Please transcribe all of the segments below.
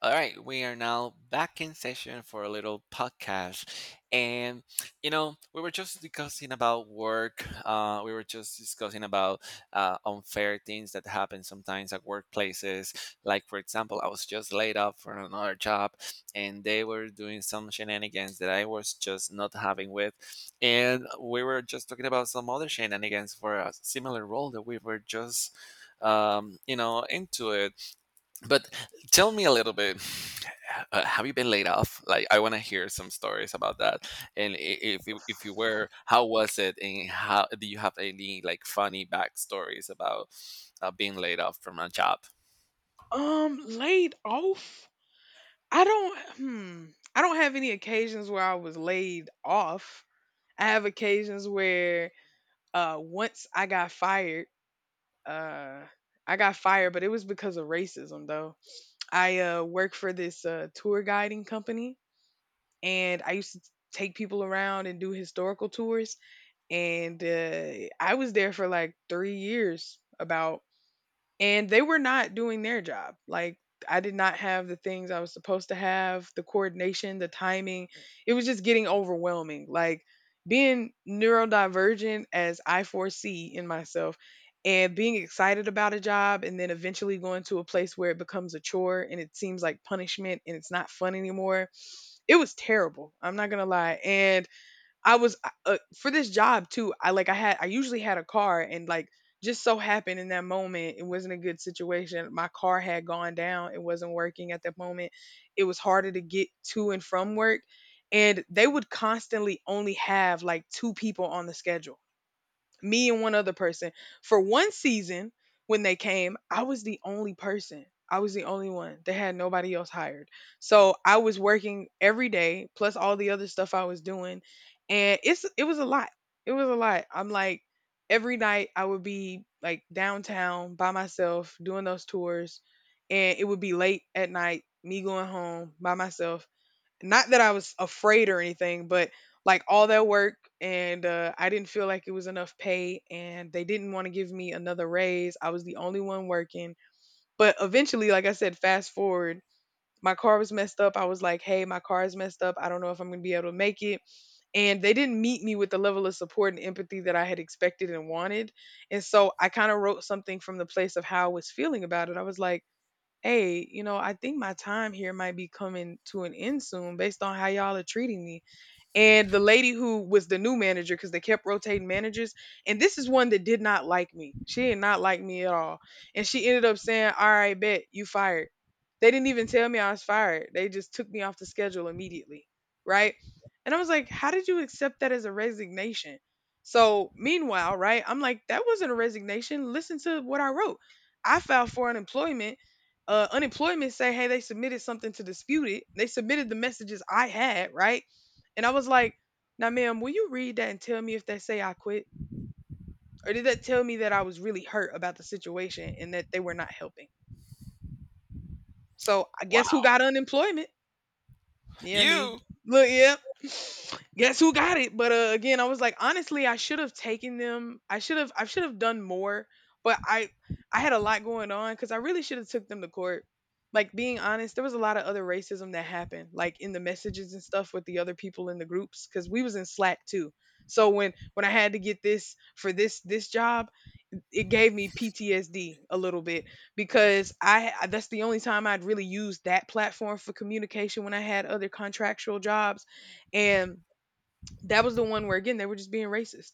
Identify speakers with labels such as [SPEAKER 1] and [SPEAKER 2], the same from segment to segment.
[SPEAKER 1] All right, we are now back in session for a little podcast. And, we were just discussing about work. We were just discussing about unfair things that happen sometimes at workplaces. Like, for example, I was just laid off for another job, and they were doing some shenanigans that I was just not having with. And we were just talking about some other shenanigans for a similar role that we were just, into it, but tell me a little bit. Have you been laid off? Like, I want to hear some stories about that. And if if you were, how was it? And how do you have any like funny backstories about being laid off from a job?
[SPEAKER 2] Laid off? I don't. I don't have any occasions where I was laid off. I have occasions where once I got fired. uh I got fired, but it was because of racism though. I work for this tour guiding company and I used to take people around and do historical tours and I was there for like 3 years about, and they were not doing their job. Like, I did not have the things I was supposed to have, the coordination, the timing. It was just getting overwhelming. Like, being neurodivergent as I foresee in myself and being excited about a job and then eventually going to a place where it becomes a chore and it seems like punishment and it's not fun anymore. It was terrible, I'm not going to lie. And I was for this job too. I like I had I usually had a car, and like, just so happened in that moment it wasn't a good situation. My car had gone down, it wasn't working at that moment. It was harder to get to and from work, and they would constantly only have like two people on the schedule, me and one other person. For one season when they came, I was the only person, I was the only one, they had nobody else hired. So I was working every day plus all the other stuff I was doing, and it was a lot. It was a lot. I'm like, every night I would be like downtown by myself doing those tours, and it would be late at night me going home by myself. Not that I was afraid or anything, but like, all that work, and I didn't feel like it was enough pay and they didn't want to give me another raise. I was the only one working. But eventually, like I said, fast forward, my car was messed up. I was like, hey, my car is messed up, I don't know if I'm going to be able to make it. And they didn't meet me with the level of support and empathy that I had expected and wanted. And so I kind of wrote something from the place of how I was feeling about it. I was like, hey, you know, I think my time here might be coming to an end soon based on how y'all are treating me. And the lady who was the new manager, because they kept rotating managers, and this is one that did not like me, she did not like me at all. And she ended up saying, all right, bet, you fired. They didn't even tell me I was fired, they just took me off the schedule immediately. Right? And I was like, how did you accept that as a resignation? So meanwhile, right, I'm like, that wasn't a resignation, listen to what I wrote. I filed for unemployment. Unemployment say, hey, they submitted something to dispute it, they submitted the messages I had, right? And I was like, now, ma'am, will you read that and tell me if they say I quit? Or did that tell me that I was really hurt about the situation and that they were not helping? So I guess who
[SPEAKER 1] Wow,
[SPEAKER 2] got unemployment? Yeah, me.
[SPEAKER 1] you!
[SPEAKER 2] Look, yeah. Guess who got it? But again, I was like, honestly, I should have taken them. I should have. I should have done more. But I had a lot going on, because I really should have took them to court. Like, being honest, there was a lot of other racism that happened, like in the messages and stuff with the other people in the groups, because we was in Slack too. So when I had to get this for this job, it gave me PTSD a little bit, because I that's the only time I'd really used that platform for communication, when I had other contractual jobs. And that was the one where, again, they were just being racist.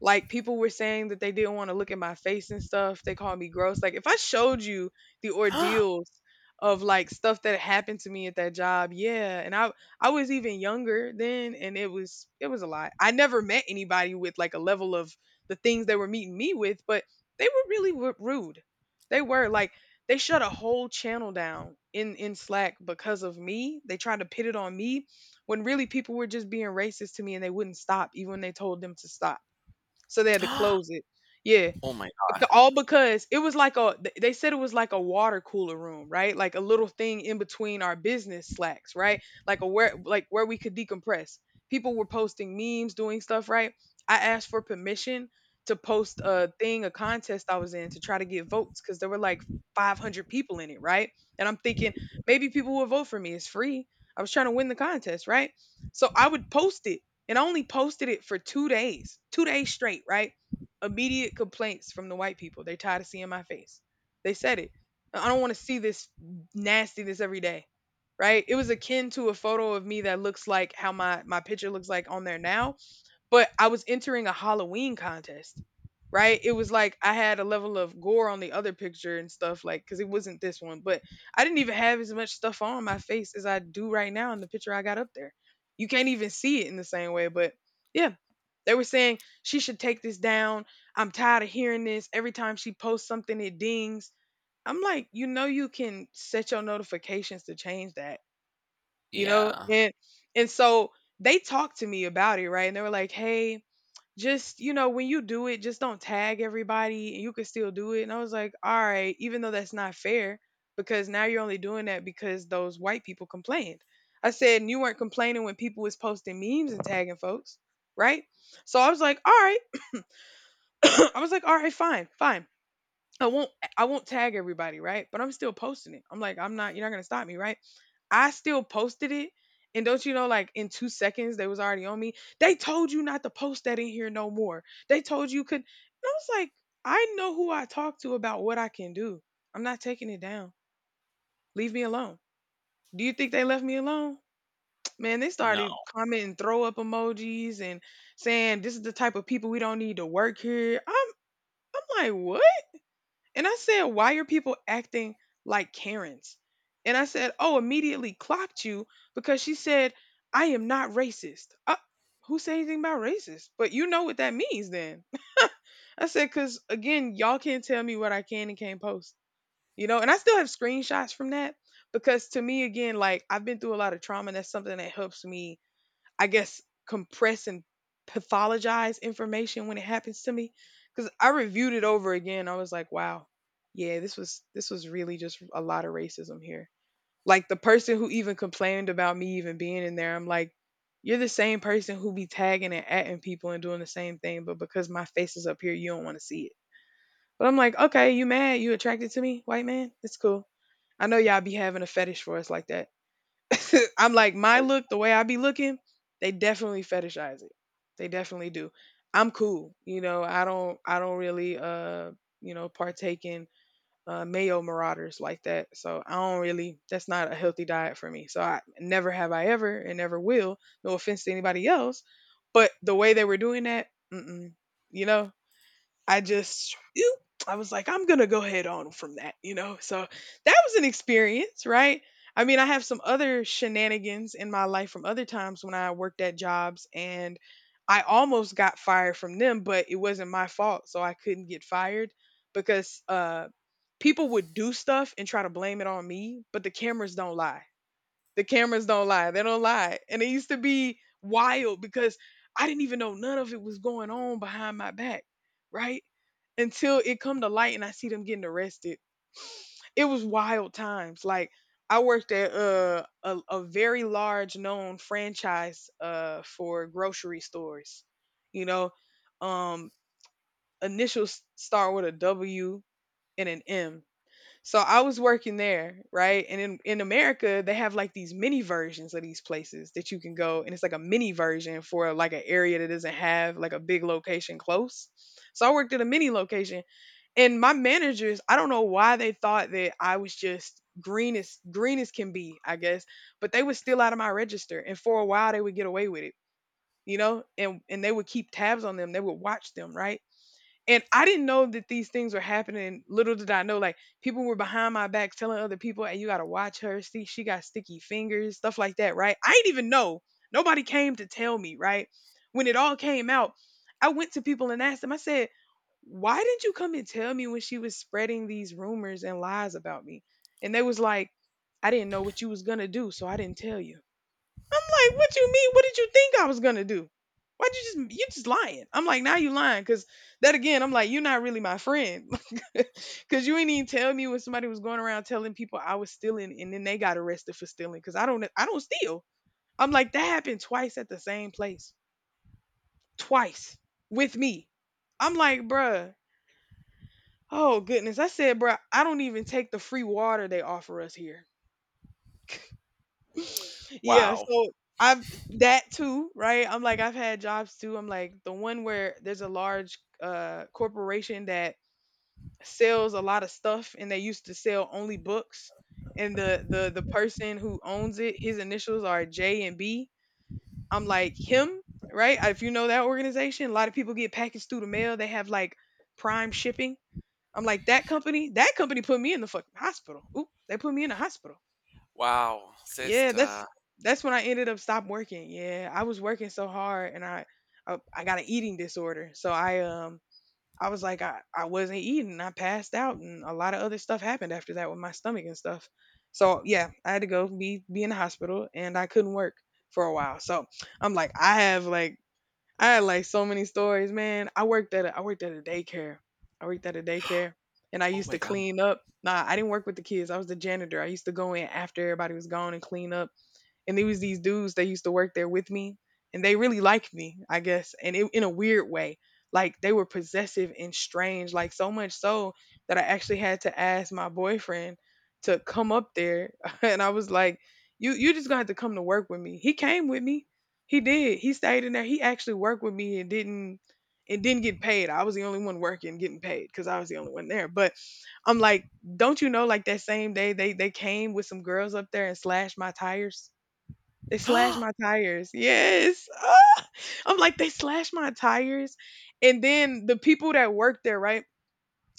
[SPEAKER 2] Like, people were saying that they didn't want to look at my face and stuff. They called me gross. Like, if I showed you the ordeals of like stuff that happened to me at that job, yeah. And I was even younger then, and it was a lot. I never met anybody with like a level of the things they were meeting me with, but they were really rude. They were like, they shut a whole channel down in Slack because of me. They tried to pit it on me when really people were just being racist to me and they wouldn't stop even when they told them to stop. So they had to close it. Yeah.
[SPEAKER 1] Oh my god!
[SPEAKER 2] All because it was like a they said it was like a water cooler room, right, like a little thing in between our business Slacks, right, like a where we could decompress. People were posting memes, doing stuff, right? I asked for permission to post a thing, a contest I was in, to try to get votes, because there were like 500 people in it, right? And I'm thinking, maybe people will vote for me, it's free. I was trying to win the contest, right? So I would post it, and I only posted it for 2 days, 2 days straight, right? Immediate complaints from the white people. They tired of seeing my face. They said it. I don't want to see this nastiness every day. Right? It was akin to a photo of me that looks like how my picture looks like on there now, but I was entering a Halloween contest, right? It was like I had a level of gore on the other picture and stuff, like, because it wasn't this one. But I didn't even have as much stuff on my face as I do right now in the picture I got up there. You can't even see it in the same way. But yeah, they were saying, she should take this down. I'm tired of hearing this. Every time she posts something, it dings. I'm like, you know, you can set your notifications to change that, you know?
[SPEAKER 1] Yeah.
[SPEAKER 2] And so they talked to me about it, right? And they were like, hey, just, you know, when you do it, just don't tag everybody and you can still do it. And I was like, all right, even though that's not fair, because now you're only doing that because those white people complained. I said, and you weren't complaining when people was posting memes and tagging folks, right? So I was like, all right. I was like, all right, fine, I won't, I won't tag everybody, right, but I'm still posting it. I'm like, I'm not you're not going to stop me, right? I still posted it. And don't you know, like in 2 seconds, they was already on me. They told you not to post that in here no more. They told you could. And I was like, I know who I talk to about what I can do. I'm not taking it down. Leave me alone. Do you think they left me alone? Man, they started
[SPEAKER 1] No.
[SPEAKER 2] commenting throw up emojis and saying, this is the type of people we don't need to work here. I'm like, what? And I said, why are people acting like Karens? And I said, oh, immediately clocked you, because she said, I am not racist. Who said anything about racist? But you know what that means then. I said, because again, y'all can't tell me what I can and can't post, you know? And I still have screenshots from that, because to me, again, like, I've been through a lot of trauma, and that's something that helps me, I guess, compress and pathologize information when it happens to me. Because I reviewed it over again. I was like, wow, yeah, this was really just a lot of racism here. Like, the person who even complained about me even being in there, I'm like, you're the same person who be tagging and atting people and doing the same thing, but because my face is up here, you don't want to see it. But I'm like, okay, you mad? You attracted to me, white man? It's cool. I know y'all be having a fetish for us like that. I'm like, my look, the way I be looking, they definitely fetishize it. They definitely do. I'm cool, you know. I don't really, you know, partake in mayo marauders like that. So I don't really. That's not a healthy diet for me. So I never have I ever, and never will. No offense to anybody else, but the way they were doing that, mm-mm, you know, I just ew, I was like, I'm gonna go head on from that. So that was an experience, right? I mean, I have some other shenanigans in my life from other times when I worked at jobs and I almost got fired from them, but it wasn't my fault, so I couldn't get fired because people would do stuff and try to blame it on me, but the cameras don't lie. The cameras don't lie. They don't lie. And it used to be wild because I didn't even know none of it was going on behind my back, right? Until it come to light and I see them getting arrested. It was wild times. Like I worked at a very large known franchise for grocery stores. You know, um initials start with a W and an M, so I was working there, right? And in America, they have like these mini versions of these places that you can go, and it's like a mini version for like an area that doesn't have like a big location close. So I worked at a mini location, and my managers, I don't know why they thought that I was just green as can be, I guess, but they were still out of my register, and for a while they would get away with it, you know, and they would keep tabs on them, they would watch them, right? And I didn't know that these things were happening. Little did I know, like people were behind my back telling other people, "Hey, you gotta watch her. See, she got sticky fingers, stuff like that." Right? I didn't even know. Nobody came to tell me. Right? When it all came out, I went to people and asked them. I said, "Why didn't you come and tell me when she was spreading these rumors and lies about me?" And they was like, "I didn't know what you was gonna do, so I didn't tell you." I'm like, what you mean? What did you think I was gonna do? Why'd you just lying? I'm like, now you lying, cause that again, I'm like, you're not really my friend, cause you ain't even tell me when somebody was going around telling people I was stealing, and then they got arrested for stealing, cause I don't steal. I'm like, that happened twice at the same place, twice with me. I'm like, bruh, oh goodness, I said, bruh, I don't even take the free water they offer us here. Yeah,
[SPEAKER 1] Wow.
[SPEAKER 2] so I've that too, right? I'm like I've had jobs too. I'm like the one where there's a large corporation that sells a lot of stuff and they used to sell only books, and the person who owns it, his initials are J and B. I'm like him, right? If you know that organization, a lot of people get packaged through the mail. They have like prime shipping. I'm like that company put me in the fucking hospital. Oop, they put me in the hospital.
[SPEAKER 1] Wow,
[SPEAKER 2] Yeah, that's
[SPEAKER 1] sister.
[SPEAKER 2] that's when I ended up stop working. Yeah, I was working so hard, and I got an eating disorder. So I was like I wasn't eating. I passed out, and a lot of other stuff happened after that with my stomach and stuff. So yeah, I had to go be in the hospital, and I couldn't work for a while. So I'm like I have like I had like so many stories, man. I worked at a daycare. I worked at a daycare, and I
[SPEAKER 1] Oh
[SPEAKER 2] used to
[SPEAKER 1] my
[SPEAKER 2] clean up. Nah, I didn't work with the kids. I was the janitor. I used to go in after everybody was gone and clean up, and there was these dudes that used to work there with me, and they really liked me, I guess, and it, in a weird way, like, they were possessive and strange, like so much so that I actually had to ask my boyfriend to come up there and I was like, you just gonna have to come to work with me. He came with me. He did. He stayed in there. He actually worked with me, and didn't get paid. I was the only one working getting paid because I was the only one there. But I'm like, don't you know, like that same day they came with some girls up there and slashed my tires. They slashed
[SPEAKER 1] god.
[SPEAKER 2] my tires. Yes. I'm like, they slashed my tires. And then the people that worked there, right?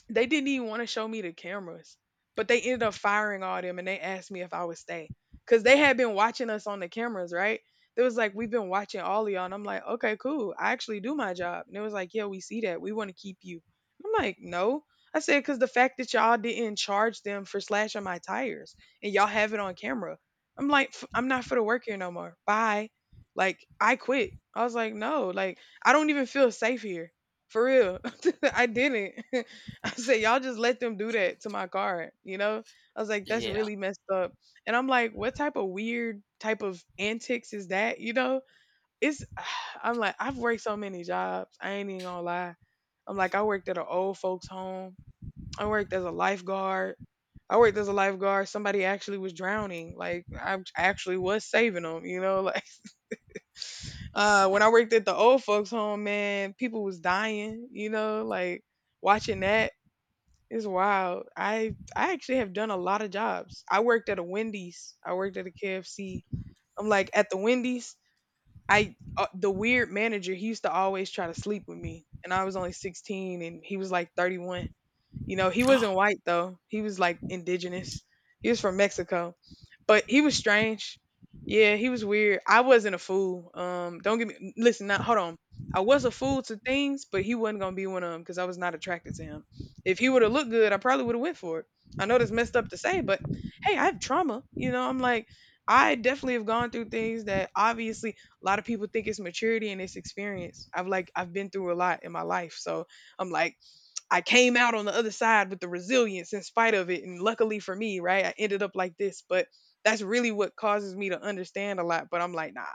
[SPEAKER 2] They didn't even want to show me the cameras, but they ended up firing all them, and they asked me if I would stay because they had been watching us on the cameras, right? They was like, we've been watching all of y'all. And I'm like, okay, cool. I actually do my job. And it was like, yeah, we see that. We want to keep you. I'm like, no. I said, because the fact that y'all didn't charge them for slashing my tires, and y'all have it on camera. I'm like, I'm not for the work here no more. Bye. Like, I quit." I was like, no, like, I don't even feel safe here. For real. I didn't. I said, y'all just let them do that to my car, you know? I was like, that's
[SPEAKER 1] Yeah.
[SPEAKER 2] really messed up. And I'm like, what type of weird type of antics is that, you know? It's, I'm like, I've worked so many jobs. I ain't even gonna lie. I'm like, I worked at an old folks home. I worked as a lifeguard. I worked as a lifeguard. Somebody actually was drowning. Like, I actually was saving them, you know? Like, when I worked at the old folks home, man, people was dying, you know? Like, watching that, it's wild. I actually have done a lot of jobs. I worked at a Wendy's. I worked at a KFC. I'm like at the Wendy's. I The weird manager. He used to always try to sleep with me, and I was only 16, and he was like 31. You know, he wasn't white though. He was like indigenous. He was from Mexico. But he was strange. Yeah, he was weird. I wasn't a fool. Don't get me, listen, not hold on. I was a fool to things, but he wasn't gonna be one of them because I was not attracted to him. If he would have looked good, I probably would have went for it. I know that's messed up to say, but hey, I have trauma. You know, I'm like, I definitely have gone through things that obviously a lot of people think it's maturity and it's experience. I've Like, I've been through a lot in my life. So I'm like, I came out on the other side with the resilience in spite of it. And luckily for me, right, I ended up like this. But that's really what causes me to understand a lot. But I'm like, nah,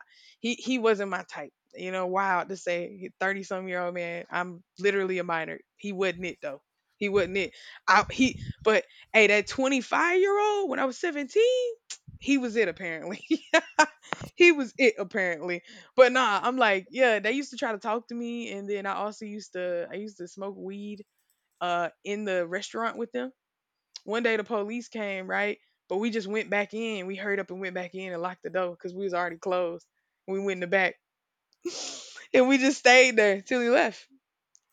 [SPEAKER 2] he wasn't my type. You know, wild to say, 30 some year old man. I'm literally a minor. He wasn't it though. He wasn't it. I he. But hey, that 25-year old when I was 17, he was it apparently. He was it apparently. But nah, I'm like, yeah, they used to try to talk to me, and then I also used to smoke weed in the restaurant with them. One day the police came, right? But we just went back in. We hurried up and went back in and locked the door because we was already closed. We went in the back and we just stayed there till he left.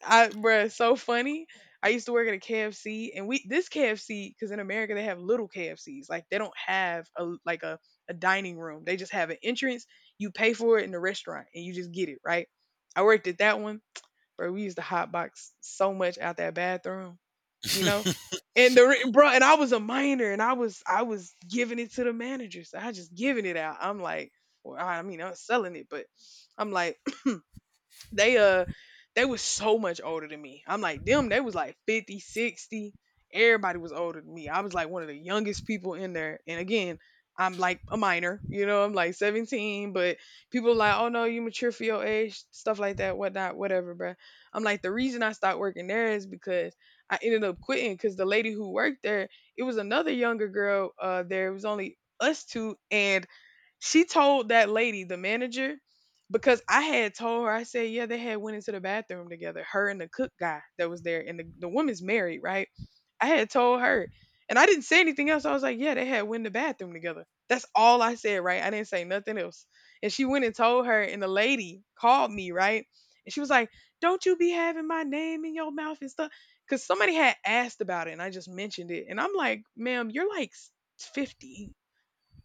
[SPEAKER 2] I bruh, so funny. I used to work at a KFC, and we this KFC, because in America they have little KFCs. Like they don't have a like a dining room. They just have an entrance. You pay for it in the restaurant and you just get it, right? I worked at that one. Bro, we used to hotbox so much out that bathroom you know. And bro, and I was a minor, and I was giving it to the managers. I just giving it out. I'm like, well, I mean, I was selling it, but I'm like, they uh they was so much older than me. I'm like them, they was like 50, 60. Everybody was older than me. I was like one of the youngest people in there. And again, I'm like a minor, you know, I'm like 17, but people are like, oh no, you mature for your age, stuff like that, whatnot, whatever, bruh. I'm like, the reason I stopped working there is because I ended up quitting because the lady who worked there, it was another younger girl there. It was only us two. And she told that lady, the manager, because I had told her. I said, yeah, they had went into the bathroom together, her and the cook guy that was there, and the woman's married, right? I had told her, and I didn't say anything else. I was like, yeah, they had went in the bathroom together. That's all I said, right? I didn't say nothing else. And she went and told her, and the lady called me, right? And she was like, don't you be having my name in your mouth and stuff. Cause somebody had asked about it, and I just mentioned it. And I'm like, ma'am, you're like 50.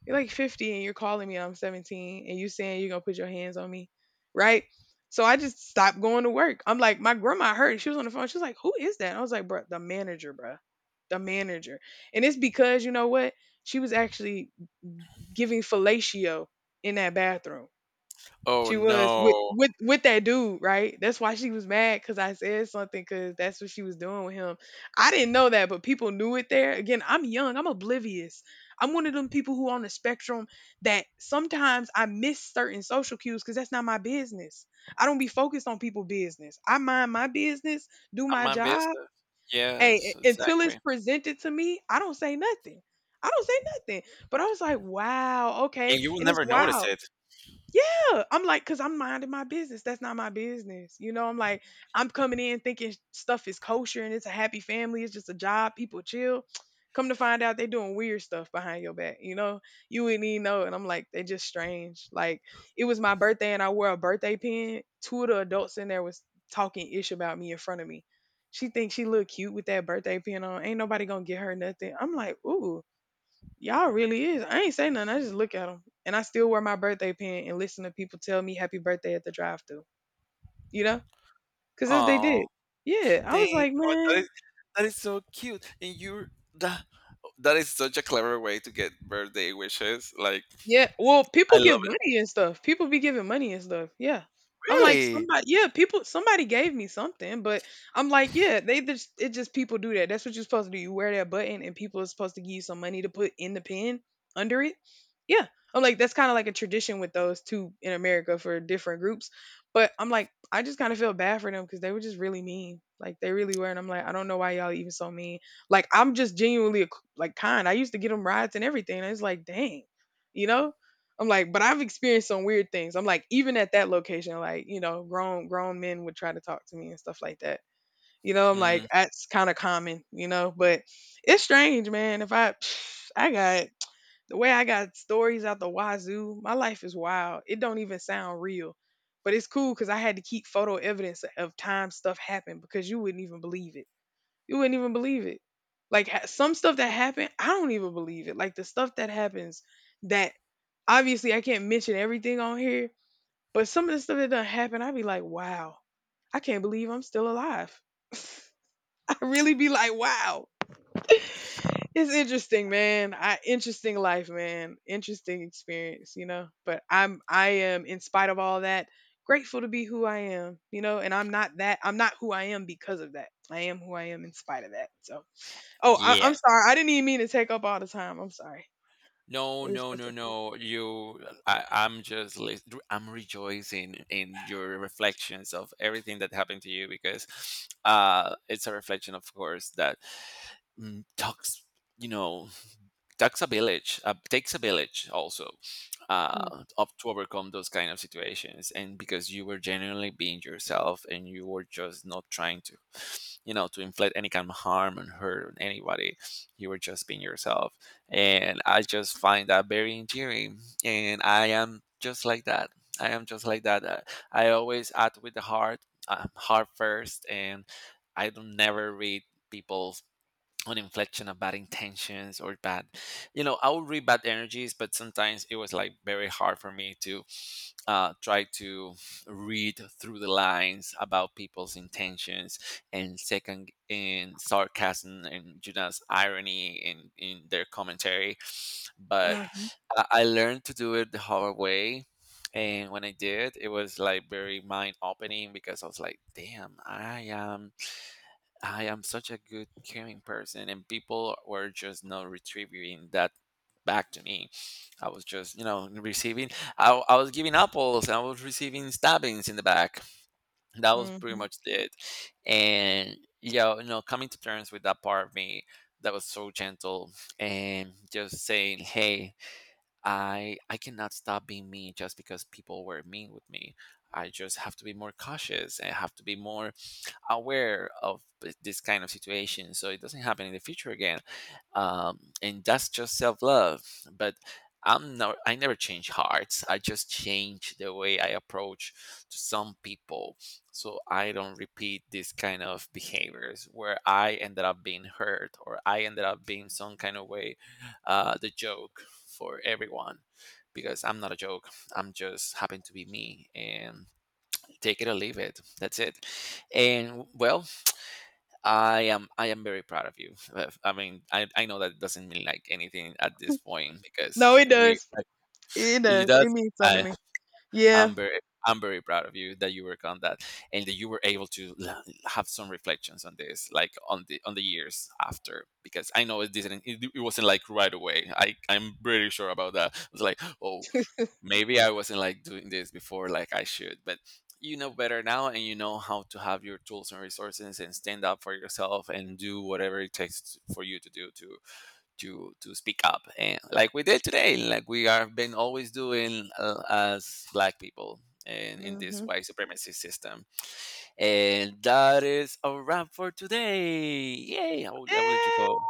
[SPEAKER 2] You're like 50 and you're calling me and I'm 17 and you saying you're going to put your hands on me, right? So I just stopped going to work. I'm like, my grandma heard. She was on the phone. She was like, who is that? I was like, bruh, the manager, bruh. The manager. And it's because, you know what? She was actually giving fellatio in that bathroom.
[SPEAKER 1] Oh
[SPEAKER 2] She was with
[SPEAKER 1] no.
[SPEAKER 2] with with that dude, right? That's why she was mad because I said something, because that's what she was doing with him. I didn't know that, but people knew it there. Again, I'm young, I'm oblivious. I'm one of them people who on the spectrum that sometimes I miss certain social cues because that's not my business. I don't be focused on people' business. I mind my business, do my
[SPEAKER 1] I'm
[SPEAKER 2] job.
[SPEAKER 1] invasive.
[SPEAKER 2] Hey,
[SPEAKER 1] Yes,
[SPEAKER 2] until it's
[SPEAKER 1] exactly.
[SPEAKER 2] presented to me, I don't say nothing. I don't say nothing. But I was like, wow, okay.
[SPEAKER 1] And you will
[SPEAKER 2] And it's
[SPEAKER 1] never notice
[SPEAKER 2] wild,
[SPEAKER 1] it.
[SPEAKER 2] yeah. I'm like, cause I'm minding my business. That's not my business. You know, I'm like, I'm coming in thinking stuff is kosher and it's a happy family. It's just a job. People chill. Come to find out, they doing weird stuff behind your back. You wouldn't even know. And I'm like, they just strange. Like, it was my birthday and I wore a birthday pin. Two of the adults in there was talking ish about me in front of me. She thinks she look cute with that birthday pin on. Ain't nobody gonna get her nothing. I'm like, ooh. Y'all really is. I ain't say nothing. I just look at them. And I still wear my birthday pin and listen to people tell me happy birthday at the drive thru, you know? Because as they
[SPEAKER 1] Oh,
[SPEAKER 2] did. Yeah. I was
[SPEAKER 1] dang.
[SPEAKER 2] like,
[SPEAKER 1] Oh, that
[SPEAKER 2] man.
[SPEAKER 1] is, that is so cute. And you're that, that is such a clever way to get birthday wishes. Like,
[SPEAKER 2] Yeah, well, people
[SPEAKER 1] I
[SPEAKER 2] give
[SPEAKER 1] love it.
[SPEAKER 2] money and stuff. People be giving money and stuff. Yeah. I'm like,
[SPEAKER 1] Really?
[SPEAKER 2] somebody, yeah, people, somebody gave me something, but I'm like, yeah, they just it just people do that. That's what you're supposed to do. You wear that button and people are supposed to give you some money to put in the pen under it. Yeah. I'm like, that's kind of like a tradition with those two in America for different groups. But I'm like, I just kind of feel bad for them because they were just really mean. Like they really were. And I'm like, I don't know why y'all even so mean. Like I'm just genuinely like kind. I used to get them rides and everything. And it's like, dang, you know? I'm like, but I've experienced some weird things. I'm like, even at that location, like, you know, grown men would try to talk to me and stuff like that. You know, I'm like,
[SPEAKER 1] Mm,
[SPEAKER 2] that's kind of common, you know, but it's strange, man. If I I got the way I got stories out the wazoo. My life is wild. It don't even sound real. But it's cool because I had to keep photo evidence of time stuff happened, because you wouldn't even believe it. You wouldn't even believe it. Like some stuff that happened, I don't even believe it. Like the stuff that happens that obviously I can't mention everything on here, but some of the stuff that done happened, I'd be like, wow, I can't believe I'm still alive. I really be like, wow. It's interesting, man. I interesting life, man. Interesting experience, you know. But I am in spite of all that grateful to be who I am, you know, and I'm not who I am because of that. I am who I am in spite of that. So, oh, I'm sorry.
[SPEAKER 1] yes.
[SPEAKER 2] I didn't even mean to take up all the time. I'm sorry.
[SPEAKER 1] No,
[SPEAKER 2] We were
[SPEAKER 1] no,
[SPEAKER 2] supposed
[SPEAKER 1] no,
[SPEAKER 2] to.
[SPEAKER 1] no. You, I'm just, I'm rejoicing in your reflections of everything that happened to you because it's a reflection, of course, that mm, talks, you know, takes a village, takes a village also
[SPEAKER 2] Mm.
[SPEAKER 1] up to overcome those kind of situations, and because you were genuinely being yourself and you were just not trying to, you know, to inflict any kind of harm and hurt on anybody. You were just being yourself, and I just find that very endearing. And I am just like that. I am just like that. I always act with the heart, heart first, and I don't never read people on inflection of bad intentions or bad, you know. I would read bad energies, but sometimes it was like very hard for me to try to read through the lines about people's intentions and second in sarcasm and Judas irony in their commentary. But I learned to do it the hard way, and when I did, it was like very mind opening because I was like, damn, I am, I am such a good caring person, and people were just not retrieving that back to me. I was just, you know, receiving. I was giving apples, and I was receiving stabbings in the back. That was
[SPEAKER 2] Mm-hmm.
[SPEAKER 1] pretty
[SPEAKER 2] Hmm.
[SPEAKER 1] much it. And yeah, you know, coming to terms with that part of me that was so gentle, and just saying, "Hey, I cannot stop being mean just because people were mean with me. I just have to be more cautious and have to be more aware of this kind of situation so it doesn't happen in the future again, and that's just self-love. But I'm not, I never change hearts. I just change the way I approach to some people, so I don't repeat this kind of behaviors where I ended up being hurt, or I ended up being some kind of way, the joke for everyone, because I'm not a joke. I'm just happen to be me, and take it or leave it. That's it. And well, I am very proud of you. I mean I know that doesn't mean like anything at this point
[SPEAKER 2] No,
[SPEAKER 1] because
[SPEAKER 2] it
[SPEAKER 1] we
[SPEAKER 2] does.
[SPEAKER 1] like,
[SPEAKER 2] It
[SPEAKER 1] it
[SPEAKER 2] does. It
[SPEAKER 1] does.
[SPEAKER 2] means something
[SPEAKER 1] i
[SPEAKER 2] to me. Yeah.
[SPEAKER 1] i'm very, I'm very proud of you, that you work on that, and that you were able to have some reflections on this, like on the, on the years after, because I know it didn't, it wasn't like right away. I'm pretty sure about that. It's like, oh, maybe I wasn't like doing this before like I should, but you know better now, and you know how to have your tools and resources and stand up for yourself and do whatever it takes for you to do to speak up. And like we did today, like we are been always doing, as black people in this
[SPEAKER 2] Hmm.
[SPEAKER 1] white supremacy system. And that is a wrap for today. Yay. I will let you go.